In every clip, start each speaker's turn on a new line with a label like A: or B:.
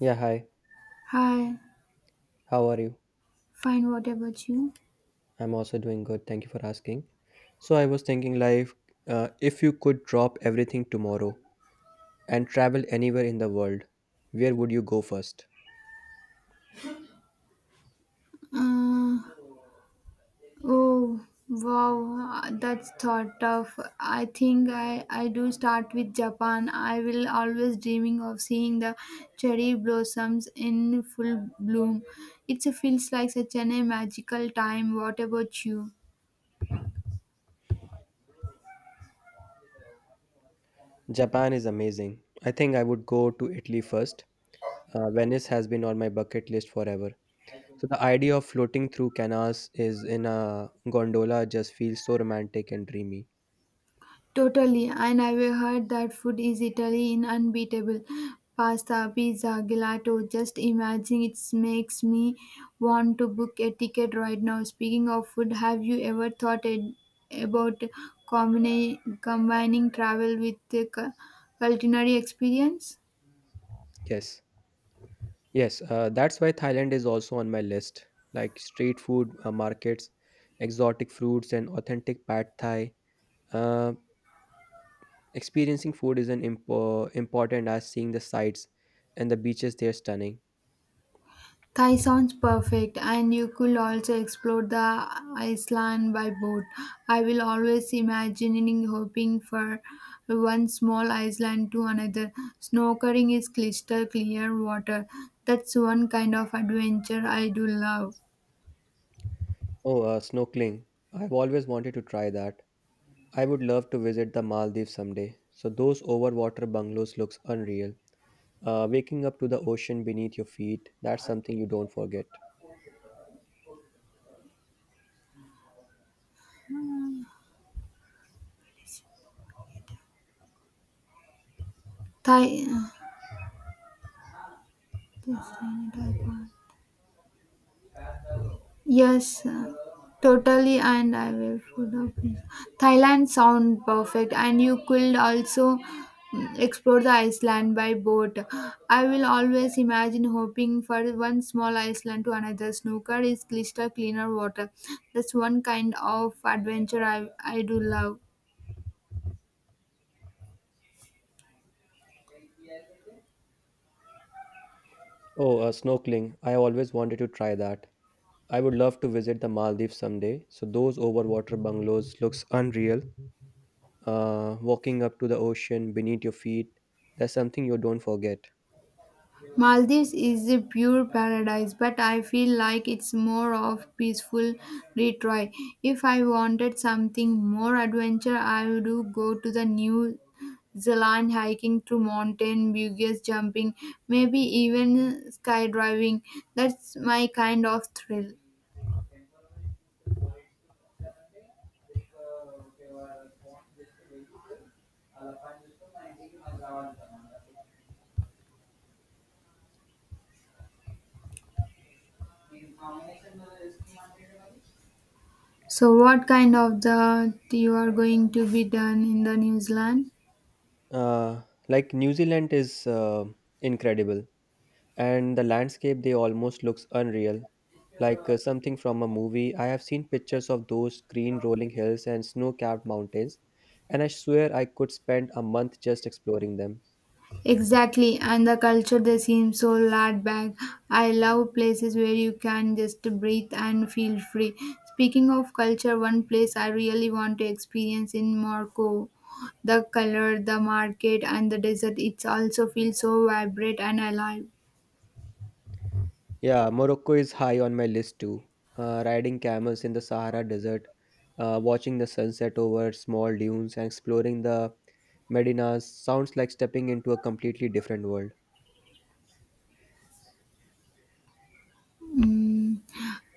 A: Yeah, hi.
B: Hi,
A: How are you?
B: fine. What about you?
A: I'm also doing good. Thank you for asking. So I was thinking like if you could drop everything tomorrow and travel anywhere in the world, where would you go first?
B: Uh, oh, wow. That's thought of. I think I do start with Japan. I will always dreaming of seeing the cherry blossoms in full bloom. It feels like such an a magical time. What about you?
A: Japan is amazing. I think I would go to Italy first. Venice has been on my bucket list forever. So the idea of floating through canals is in a gondola just feels so romantic and dreamy.
B: Totally, and I've heard that food is Italy in unbeatable. Pasta, pizza, gelato. Just imagining it makes me want to book a ticket right now. Speaking of food, have you ever thought about combining travel with the culinary experience?
A: Yes. Yes, that's why Thailand is also on my list. Like street food markets, exotic fruits, and authentic pad Thai. Uh, experiencing food is an important as seeing the sights and the beaches. They're stunning.
B: Thai sounds perfect, and you could also explore the island by boat. I will always imagining hopping for one small island to another. Snorkeling is crystal clear water. That's one kind of adventure I do love.
A: Oh, snorkeling! I've always wanted to try that. I would love to visit the Maldives someday. So those overwater bungalows looks unreal. Waking up to the ocean beneath your feet, that's something you don't forget.
B: Thai. Yes, totally. And I will put up. Thailand sound perfect, and you could also explore the Iceland by boat. I will always imagine hoping for one small Iceland to another. Snooker is crystal cleaner water. That's one kind of adventure I do love.
A: Oh, snorkeling. I always wanted to try that. I would love to visit the Maldives someday. So those overwater bungalows looks unreal. Walking up to the ocean beneath your feet, that's something you don't forget.
B: Maldives is a pure paradise, but I feel like it's more of peaceful retreat. If I wanted something more adventure, I would go to the New Zealand hiking through mountain, buggies jumping, maybe even skydiving. That's my kind of thrill. So what kind of the you are going to be done in the New Zealand?
A: Uh, like New Zealand is incredible. And the landscape they almost looks unreal like something from a movie. I have seen pictures of those green rolling hills and snow-capped mountains, and I swear I could spend a month just exploring them.
B: Exactly, and the culture they seem so laid back. I love places where you can just breathe and feel free. Speaking of culture, one place I really want to experience in Morocco, the color, the market, and the desert. It also feels so vibrant and alive.
A: Yeah, Morocco is high on my list too. Riding camels in the Sahara desert, watching the sunset over small dunes and exploring the medinas sounds like stepping into a completely different world.
B: Mm,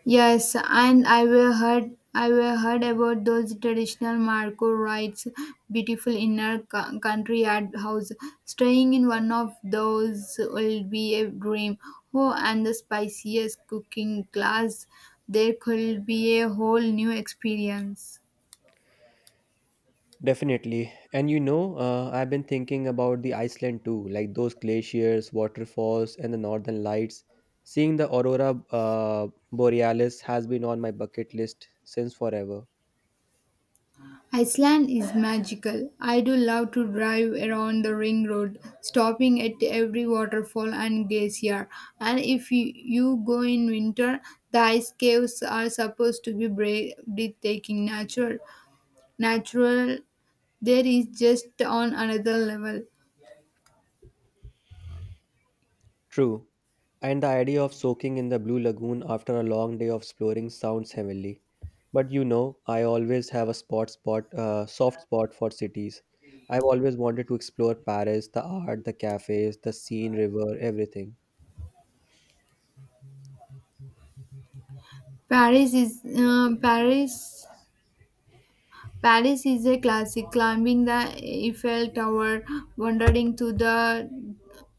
B: yes, and I will heard about those traditional Marco rites, beautiful inner country art house. Staying in one of those will be a dream. Oh, and the spiciest cooking class, there could be a whole new experience.
A: Definitely. And I've been thinking about the Iceland too, like those glaciers, waterfalls, and the northern lights. Seeing the aurora borealis has been on my bucket list since forever.
B: Iceland is magical. I do love to drive around the ring road, stopping at every waterfall and glacier. And if you go in winter, the ice caves are supposed to be breathtaking. Natural. There is just on another level.
A: True. And the idea of soaking in the Blue Lagoon after a long day of exploring sounds heavenly. But I always have a spot spot soft spot for cities. I've always wanted to explore Paris, the art, the cafes, the Seine river, everything.
B: Paris is uh, Paris Paris is a classic. Climbing the Eiffel Tower, wandering to the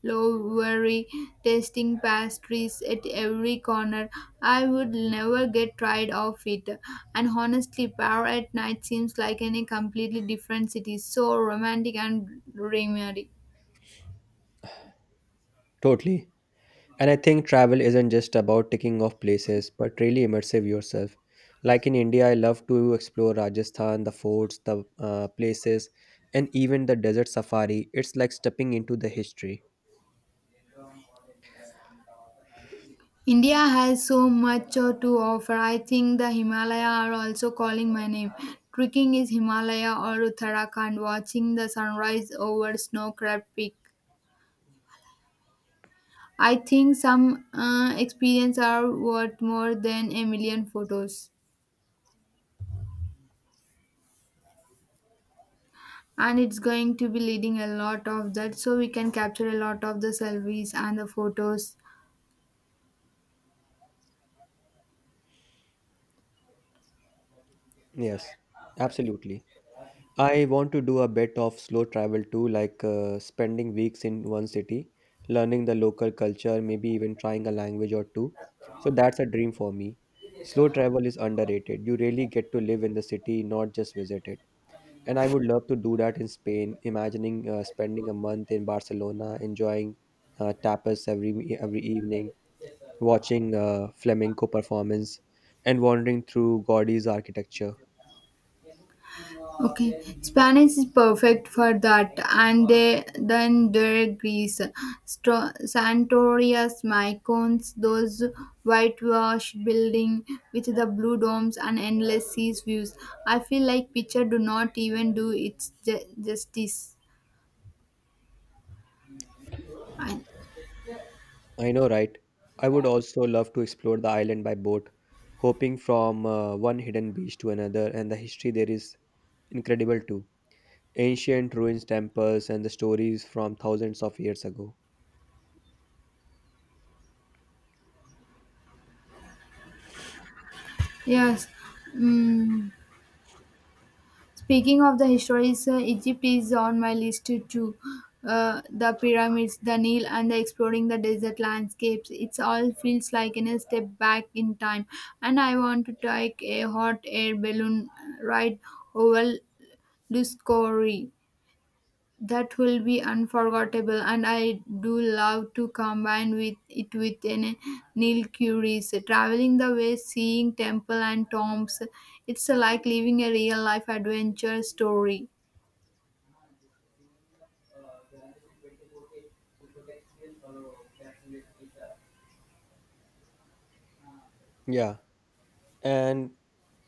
B: Louvre, tasting pastries at every corner. I would never get tired of it. And honestly, Paris at night seems like in a completely different city. So romantic and dreamy.
A: Totally. And I think travel isn't just about ticking off places, but really immersive yourself. Like in India, I love to explore Rajasthan, the forts, the places, and even the desert safari. It's like stepping into the history.
B: India has so much to offer. I think the Himalaya are also calling my name. Trekking is Himalaya or Uttarakhand, watching the sunrise over snow-capped peak. I think some experience are worth more than a million photos. And it's going to be leading a lot of that, so we can capture a lot of the selfies and the photos.
A: Yes, absolutely. I want to do a bit of slow travel too, like spending weeks in one city, learning the local culture, maybe even trying a language or two. So that's a dream for me. Slow travel is underrated. You really get to live in the city, not just visit it. And I would love to do that in Spain, imagining spending a month in Barcelona, enjoying tapas every evening, watching flamenco performance, and wandering through Gaudi's architecture.
B: Okay, Spanish is perfect for that, and then there are Greece, Santorias, Mykonos, those whitewashed building with the blue domes and endless seas views. I feel like picture do not even do its justice. I-
A: I know, right? I would also love to explore the island by boat, hopping from one hidden beach to another, and the history there is incredible too. Ancient ruins, temples, and the stories from thousands of years ago.
B: yes. Mm. Speaking of the histories, Egypt is on my list too. The pyramids, the Nile, and the exploring the desert landscapes. It all feels like in a step back in time. And I want to take a hot air balloon ride over Luscori. That will be unforgettable, and I do love to combine with it with an Nile Curie's traveling the way, seeing temple and tombs. It's like living a real life adventure story.
A: Yeah, and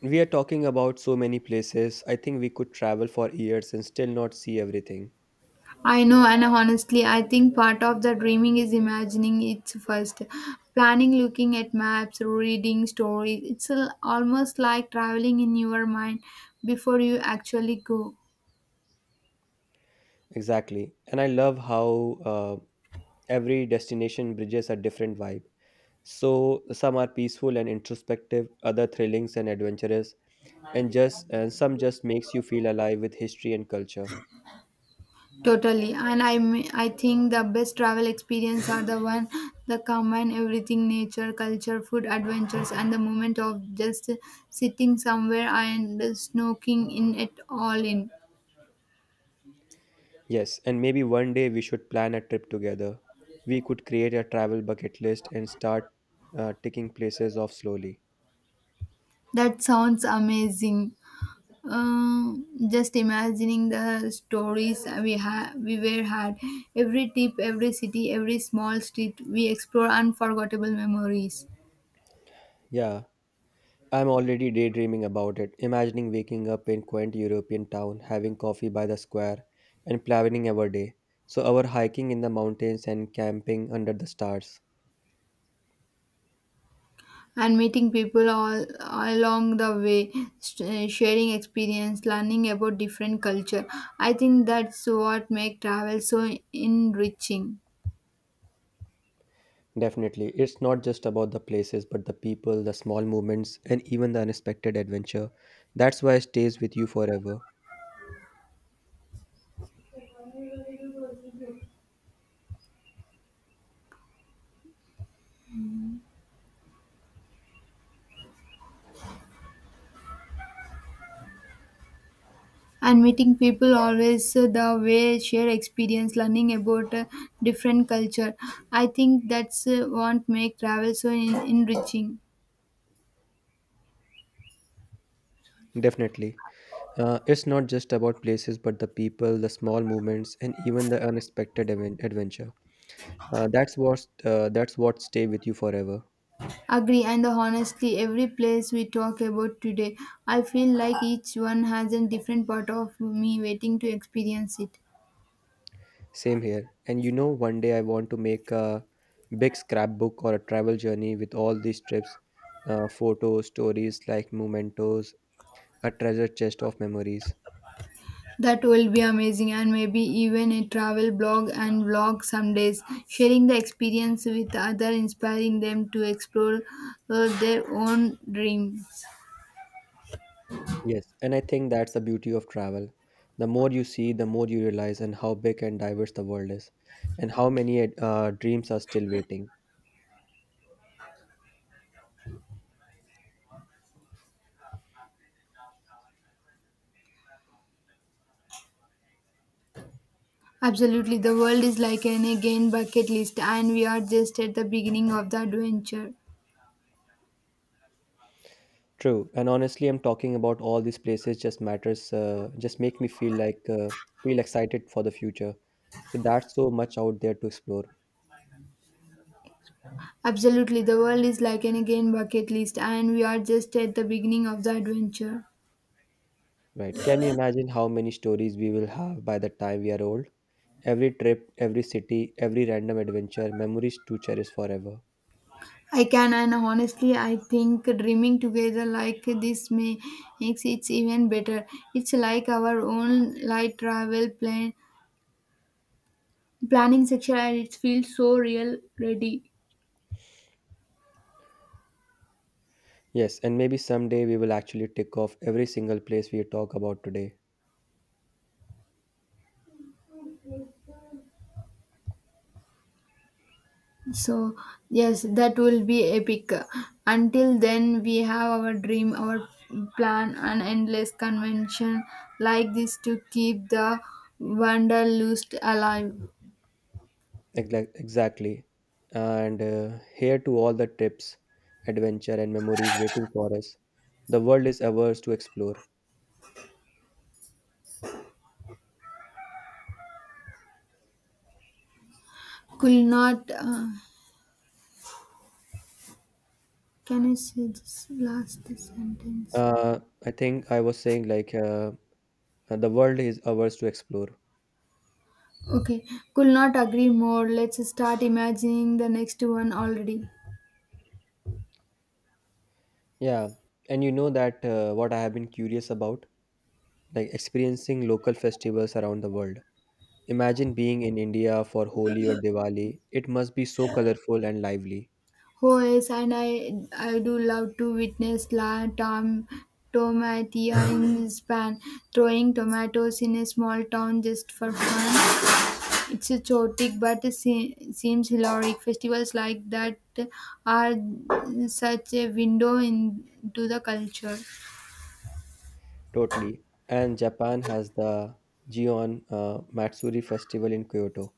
A: we are talking about so many places. I think we could travel for years and still not see everything.
B: I know, and honestly, I think part of the dreaming is imagining it first. Planning, looking at maps, reading stories. It's almost like traveling in your mind before you actually go.
A: Exactly. And I love how every destination bridges a different vibe. So some are peaceful and introspective, other thrilling and adventurous, and some just makes you feel alive with history and culture.
B: Totally. And I think the best travel experience are the one that combine everything nature, culture, food, adventures, and the moment of just sitting somewhere and snorkeling in it all in.
A: Yes, and maybe one day we should plan a trip together. We could create a travel bucket list and start ticking places off slowly.
B: That sounds amazing. Um, just imagining the stories we were had, every tip, every city, every small street, we explore unforgettable memories
A: Yeah, I'm already daydreaming about it, imagining waking up in quaint European town, having coffee by the square, and planning our day. So our hiking in the mountains and camping under the stars.
B: and meeting people all along the way, sharing experience, learning about different culture. I think that's what make travel so enriching.
A: Definitely, it's not just about the places, but the people, the small moments, and even the unexpected adventure. That's why it stays with you forever.
B: And meeting people always the way share experience learning about different culture. I think that's what make travel so enriching.
A: Definitely. It's not just about places, but the people, the small moments, and even the unexpected adventure. That's what stay with you forever.
B: Agree, and honestly every place we talk about today I feel like each one has a different part of me waiting to experience it.
A: Same here. And one day I want to make a big scrapbook or a travel journey with all these trips, photos, stories like mementos, a treasure chest of memories.
B: That will be amazing, and maybe even a travel blog and vlog some days, sharing the experience with other inspiring them to explore their own dreams.
A: Yes, and I think that's the beauty of travel. The more you see, the more you realize, and how big and diverse the world is, and how many dreams are still waiting.
B: Absolutely, the world is like an again bucket list, and we are just at the beginning of the adventure.
A: True, and honestly, I'm talking about all these places just matters, just make me feel like feel excited for the future. So that's so much out there to explore.
B: Absolutely, the world is like an again bucket list, and we are just at the beginning of the adventure.
A: Right. Can you imagine how many stories we will have by the time we are old? Every trip, every city, every random adventure, memories to cherish forever.
B: I can, and honestly, I think dreaming together like this makes it even better. It's like our own light travel planning section, and it feels so real ready.
A: Yes, and maybe someday we will actually tick off every single place we talk about today.
B: So, yes, that will be epic. Until then, we have our dream, our plan, and endless convention like this to keep the wanderlust alive.
A: Exactly. And here to all the trips, adventure, and memories waiting for us. The world is ours to explore.
B: Could not. Can I say this last sentence?
A: Uh, I think I was saying like the world is ours to explore.
B: Okay, could not agree more. Let's start imagining the next one already.
A: Yeah, and you know that what I have been curious about like experiencing local festivals around the world. Imagine being in India for Holi or Diwali. It must be so colorful and lively.
B: Oh yes, and I do love to witness La Tomatia in Spain throwing tomatoes in a small town just for fun. It's a chaotic but it seems hilarious. Festivals like that are such a window into the culture.
A: Totally. And Japan has the Gion Matsuri festival in Kyoto.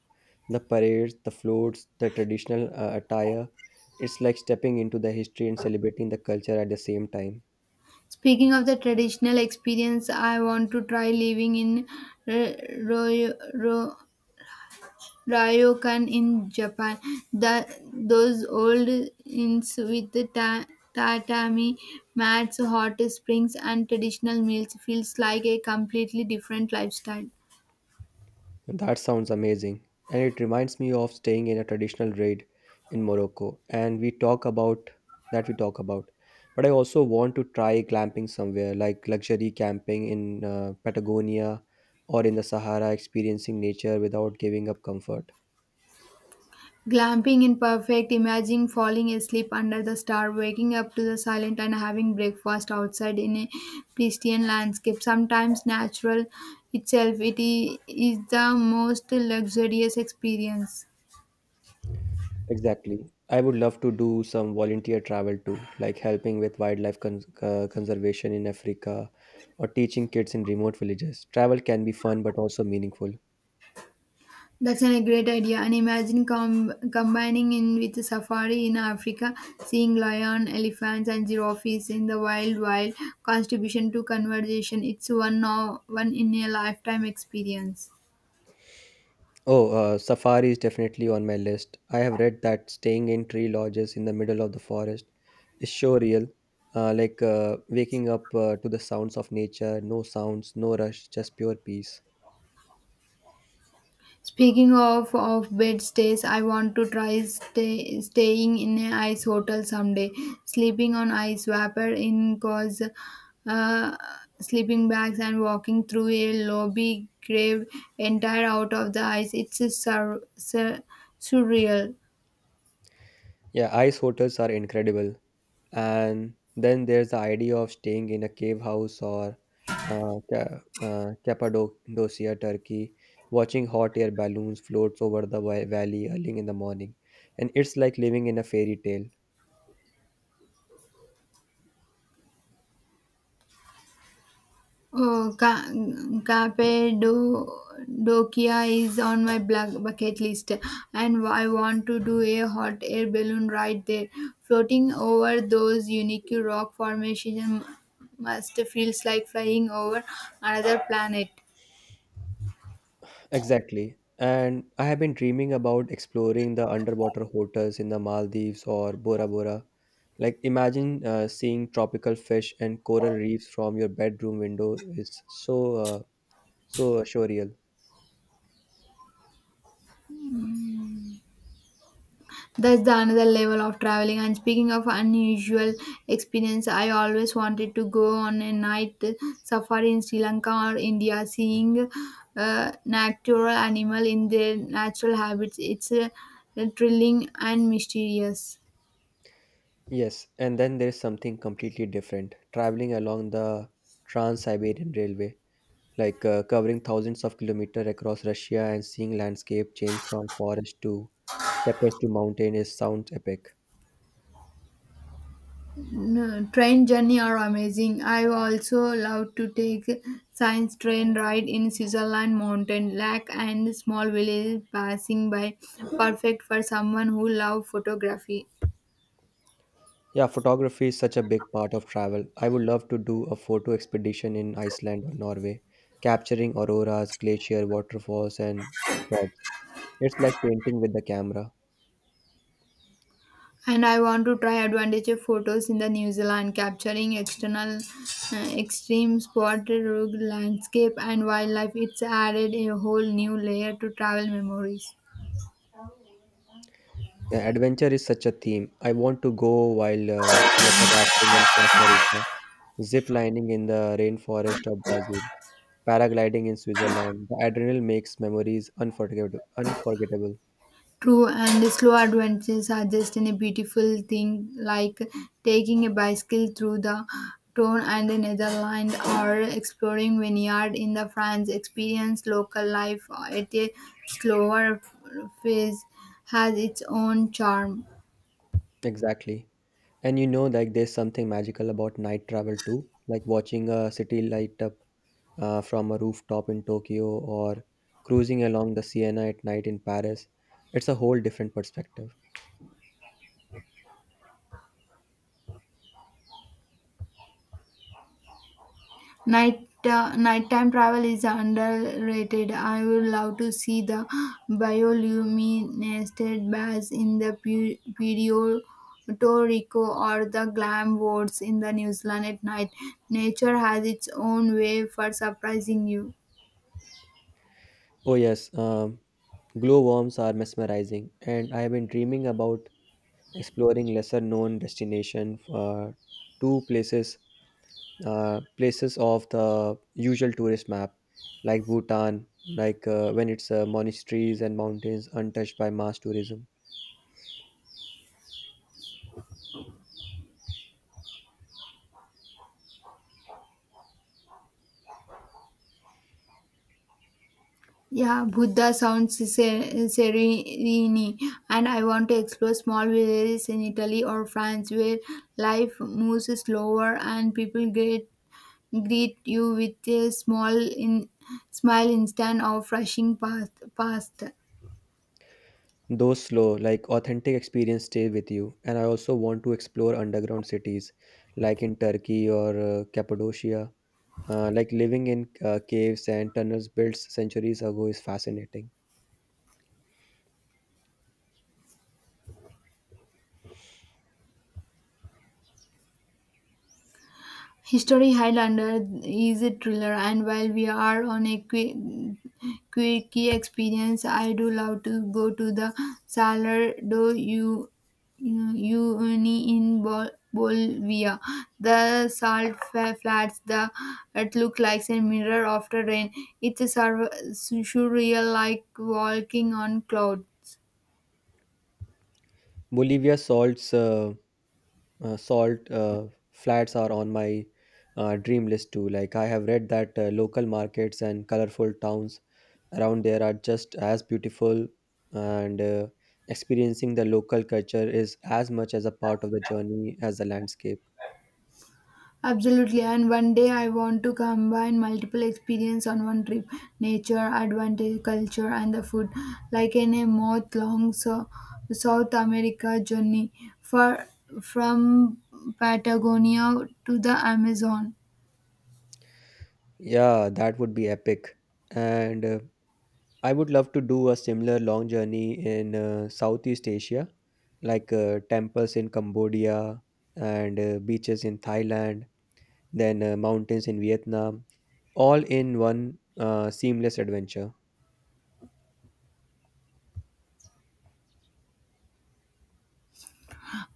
A: The parades, the floats, the traditional attire. It's like stepping into the history and celebrating the culture at the same time.
B: Speaking of the traditional experience, I want to try living in Ro- Ro- Ryokan in Japan. The Those old inns with the tatami mats, hot springs, and traditional meals feels like a completely different lifestyle.
A: That sounds amazing. And it reminds me of staying in a traditional raid in Morocco. And we talk about that we talk about. But I also want to try glamping somewhere like luxury camping in Patagonia or in the Sahara, experiencing nature without giving up comfort.
B: Glamping in perfect, imagining falling asleep under the star, waking up to the silent, and having breakfast outside in a pristine landscape. Sometimes natural itself, it is the most luxurious experience.
A: Exactly. I would love to do some volunteer travel too, like helping with wildlife conservation in Africa or teaching kids in remote villages. Travel can be fun but also meaningful.
B: That's a great idea. And imagine combining in with a safari in Africa, seeing lion, elephants, and giraffes in the wild contribution to conversation. It's one in a lifetime experience.
A: Oh, safari is definitely on my list. I have read that staying in tree lodges in the middle of the forest is so real. Like waking up to the sounds of nature, no sounds, no rush, just pure peace.
B: Speaking of bed stays, I want to try staying in an ice hotel someday. Sleeping on ice, vapor in cause uh, sleeping bags, and walking through a lobby craved entire out of the ice. It's a surreal.
A: Yeah, ice hotels are incredible. And then there's the idea of staying in a cave house or Cappadocia, Turkey, watching hot air balloons float over the valley early in the morning. And it's like living in a fairy tale.
B: Oh, Cappadocia is on my black bucket list, and I want to do a hot air balloon ride there. Floating over those unique rock formations must feels like flying over another planet.
A: Exactly. And I have been dreaming about exploring the underwater hotels in the Maldives or Bora Bora. Like, imagine seeing tropical fish and coral reefs from your bedroom window is so surreal.
B: That's the another level of traveling. And speaking of unusual experience, I always wanted to go on a night safari in Sri Lanka or India, seeing natural animal in their natural habits. It's thrilling and mysterious.
A: Yes, and then there's something completely different traveling along the Trans Siberian Railway, like covering thousands of kilometers across Russia and seeing landscape change from forest to steppes to mountain is sounds epic.
B: No, train journey are amazing. I also love to take science train ride in Switzerland mountain lake and small village passing by. Perfect for someone who love photography.
A: Yeah, photography is such a big part of travel. I would love to do a photo expedition in Iceland or Norway, capturing auroras, glacier, waterfalls, and quads. It's like painting with the camera.
B: And I want to try advantage of photos in the New Zealand capturing external extreme spot, rugged landscape and wildlife. It's added a whole new layer to travel memories.
A: Yeah, adventure is such a theme. I want to go while water rafting in Costa Rica, zip lining in the rainforest of Brazil, paragliding in Switzerland. The adrenaline makes memories unforgettable. Unforgettable.
B: True, and slow adventures are just in a beautiful thing, like taking a bicycle through the Tone and the Netherlands or exploring vineyard in the France experience local life at a slower pace has its own charm.
A: Exactly. And like there's something magical about night travel too, like watching a city light up from a rooftop in Tokyo or cruising along the Siena at night in Paris. It's a whole different perspective.
B: Nighttime travel is underrated. I would love to see the bioluminescent baths in the Puerto Rico or the glam wards in the New Zealand at night. Nature has its own way for surprising you.
A: Oh, yes, glowworms are mesmerizing, and I have been dreaming about exploring lesser known destination two places places of the usual tourist map like Bhutan, when it's monasteries and mountains untouched by mass tourism.
B: Yeah, Buddha sounds serene, and I want to explore small villages in Italy or France where life moves slower and people get greet you with a small in, smile instead of rushing past.
A: Those slow, like authentic experience stay with you. And I also want to explore underground cities, like in Turkey or Cappadocia. Like living in caves and tunnels built centuries ago is fascinating.
B: History Highlander is a thriller, and while we are on a quick key experience, I do love to go to the Salardo you uni in Bolivia. The salt flats the it look like a mirror after rain. It's a surreal like walking on clouds.
A: Bolivia salts. Salt flats are on my dream list too. Like I have read that local markets and colorful towns around there are just as beautiful, and experiencing the local culture is as much as a part of the journey as the landscape.
B: Absolutely, and one day I want to combine multiple experience on one trip: nature, advantage, culture, and the food, like in a month-long South America journey, for from Patagonia to the Amazon.
A: Yeah, that would be epic. And I would love to do a similar long journey in Southeast Asia, like temples in Cambodia and beaches in Thailand, then mountains in Vietnam, all in one seamless adventure.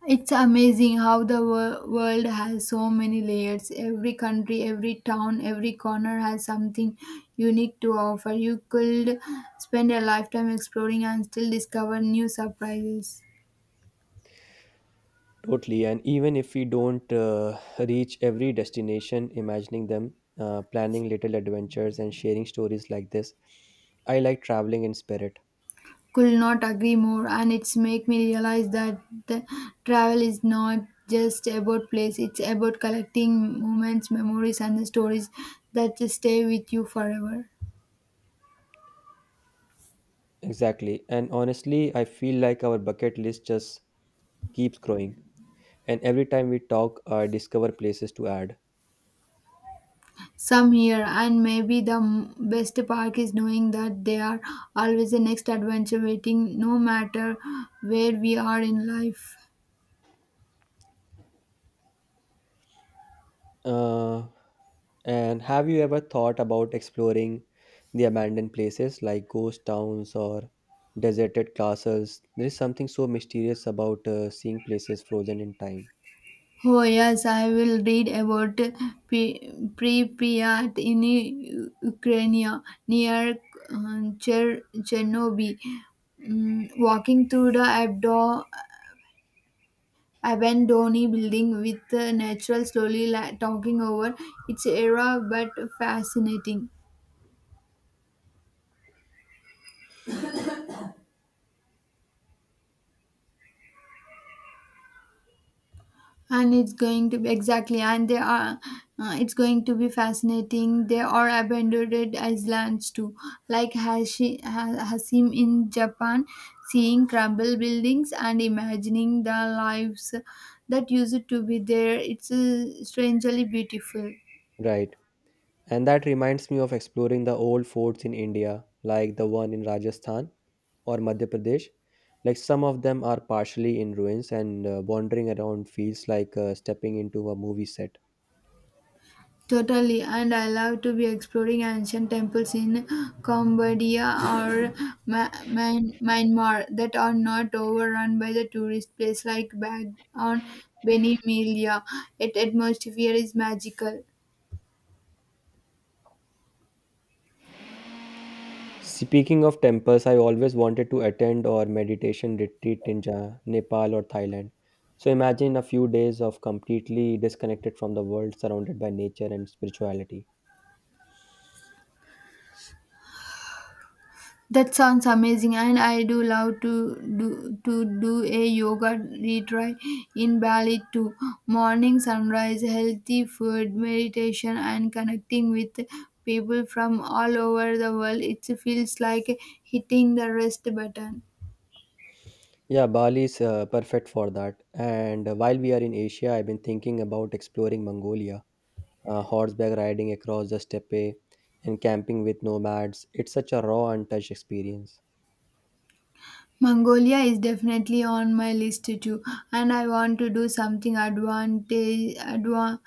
B: It's amazing how the world has so many layers. Every country, every town, every corner has something unique to offer. You could spend a lifetime exploring and still discover new surprises.
A: Totally. And even if we don't reach every destination, imagining them, planning little adventures, and sharing stories like this, I like traveling in spirit.
B: Could not agree more, and it's make me realize that the travel is not just about place. It's about collecting moments, memories, and the stories that just stay with you forever.
A: Exactly. And honestly, I feel like our bucket list just keeps growing. And every time we talk, I discover places to add.
B: Some here, and maybe the best part is knowing that they are always the next adventure waiting, no matter where we are in life.
A: Uh, And have you ever thought about exploring the abandoned places like ghost towns or deserted castles? There is something so mysterious about seeing places frozen in time.
B: Oh yes, I will read about Pripyat in Ukraine near Chernobyl. Mm, walking through the abandoned building with the natural slowly talking over its era, but fascinating. And it's going to be exactly, and they are it's going to be fascinating, they are abandoned islands too, like hasim in Japan, seeing crumble buildings and imagining the lives that used to be there. It's strangely beautiful.
A: Right. And that reminds me of exploring the old forts in India, like the one in Rajasthan or Madhya Pradesh. Like some of them are partially in ruins, and wandering around feels like stepping into a movie set.
B: Totally, and I love to be exploring ancient temples in Cambodia or Ma- Myanmar that are not overrun by the tourist place, like back on Benimelia. Its atmosphere is magical.
A: Speaking of temples, I always wanted to attend or meditation retreat in Nepal or Thailand. So imagine a few days of completely disconnected from the world, surrounded by nature and spirituality.
B: That sounds amazing, and I do love to do a yoga retreat in Bali too. Morning sunrise, healthy food, meditation, and connecting with people from all over the world. It feels like hitting the rest button.
A: Yeah, Bali is perfect for that. And while we are in Asia, I've been thinking about exploring Mongolia, horseback riding across the steppe, and camping with nomads. It's such a raw, untouched experience.
B: Mongolia is definitely on my list too, and I want to do something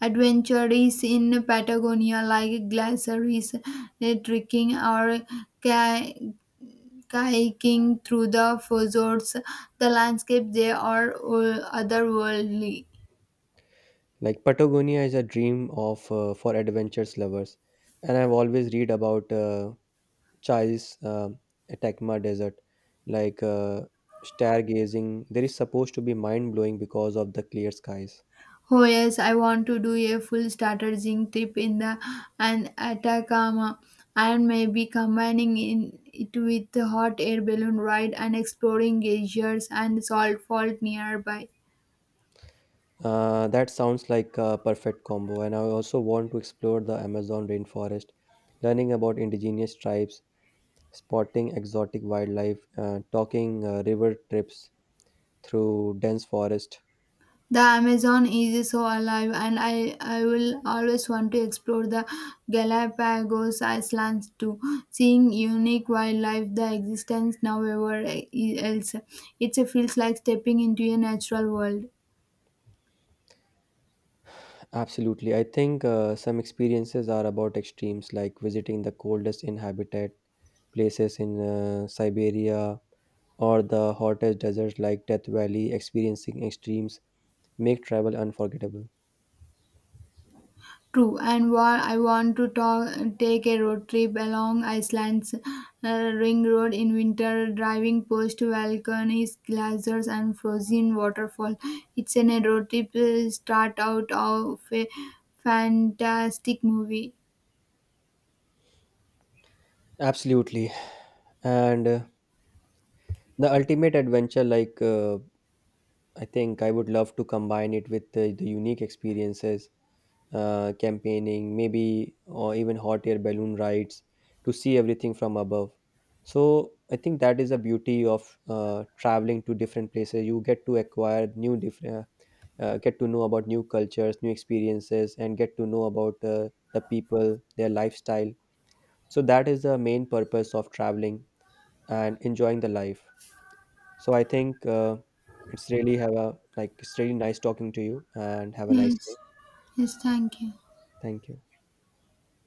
B: Adventures in Patagonia, like glaciers, trekking, or ki- kayaking through the fjords, the landscape they are otherworldly.
A: Like Patagonia is a dream of for adventures lovers, and I've always read about. Chai's Atacama Desert, like stargazing. There is supposed to be mind blowing because of the clear skies.
B: Oh yes, I want to do a full startering trip in the and Atacama, and maybe combining in it with the hot air balloon ride and exploring glaciers and salt fault nearby.
A: That sounds like a perfect combo, and I also want to explore the Amazon rainforest, learning about indigenous tribes, spotting exotic wildlife, talking river trips through dense forest.
B: The Amazon is so alive, and I will always want to explore the Galapagos Islands too. Seeing unique wildlife, the existence nowhere else, it feels like stepping into a natural world.
A: Absolutely, I think some experiences are about extremes, like visiting the coldest inhabited places in Siberia or the hottest deserts like Death Valley, experiencing extremes make travel unforgettable.
B: True, and while I want to take a road trip along Iceland's ring road in winter, driving past volcanoes, glaciers, and frozen waterfall. It's an a road trip start out of a fantastic movie.
A: Absolutely. And the ultimate adventure like I think I would love to combine it with the unique experiences, campaigning, maybe, or even hot air balloon rides to see everything from above. So I think that is the beauty of traveling to different places. You get to acquire new different, get to know about new cultures, new experiences, and get to know about the people, their lifestyle. So that is the main purpose of traveling and enjoying the life. So I think it's really have a like it's really nice talking to you and have a nice
B: Yes,
A: day.
B: yes, thank you.
A: Thank you.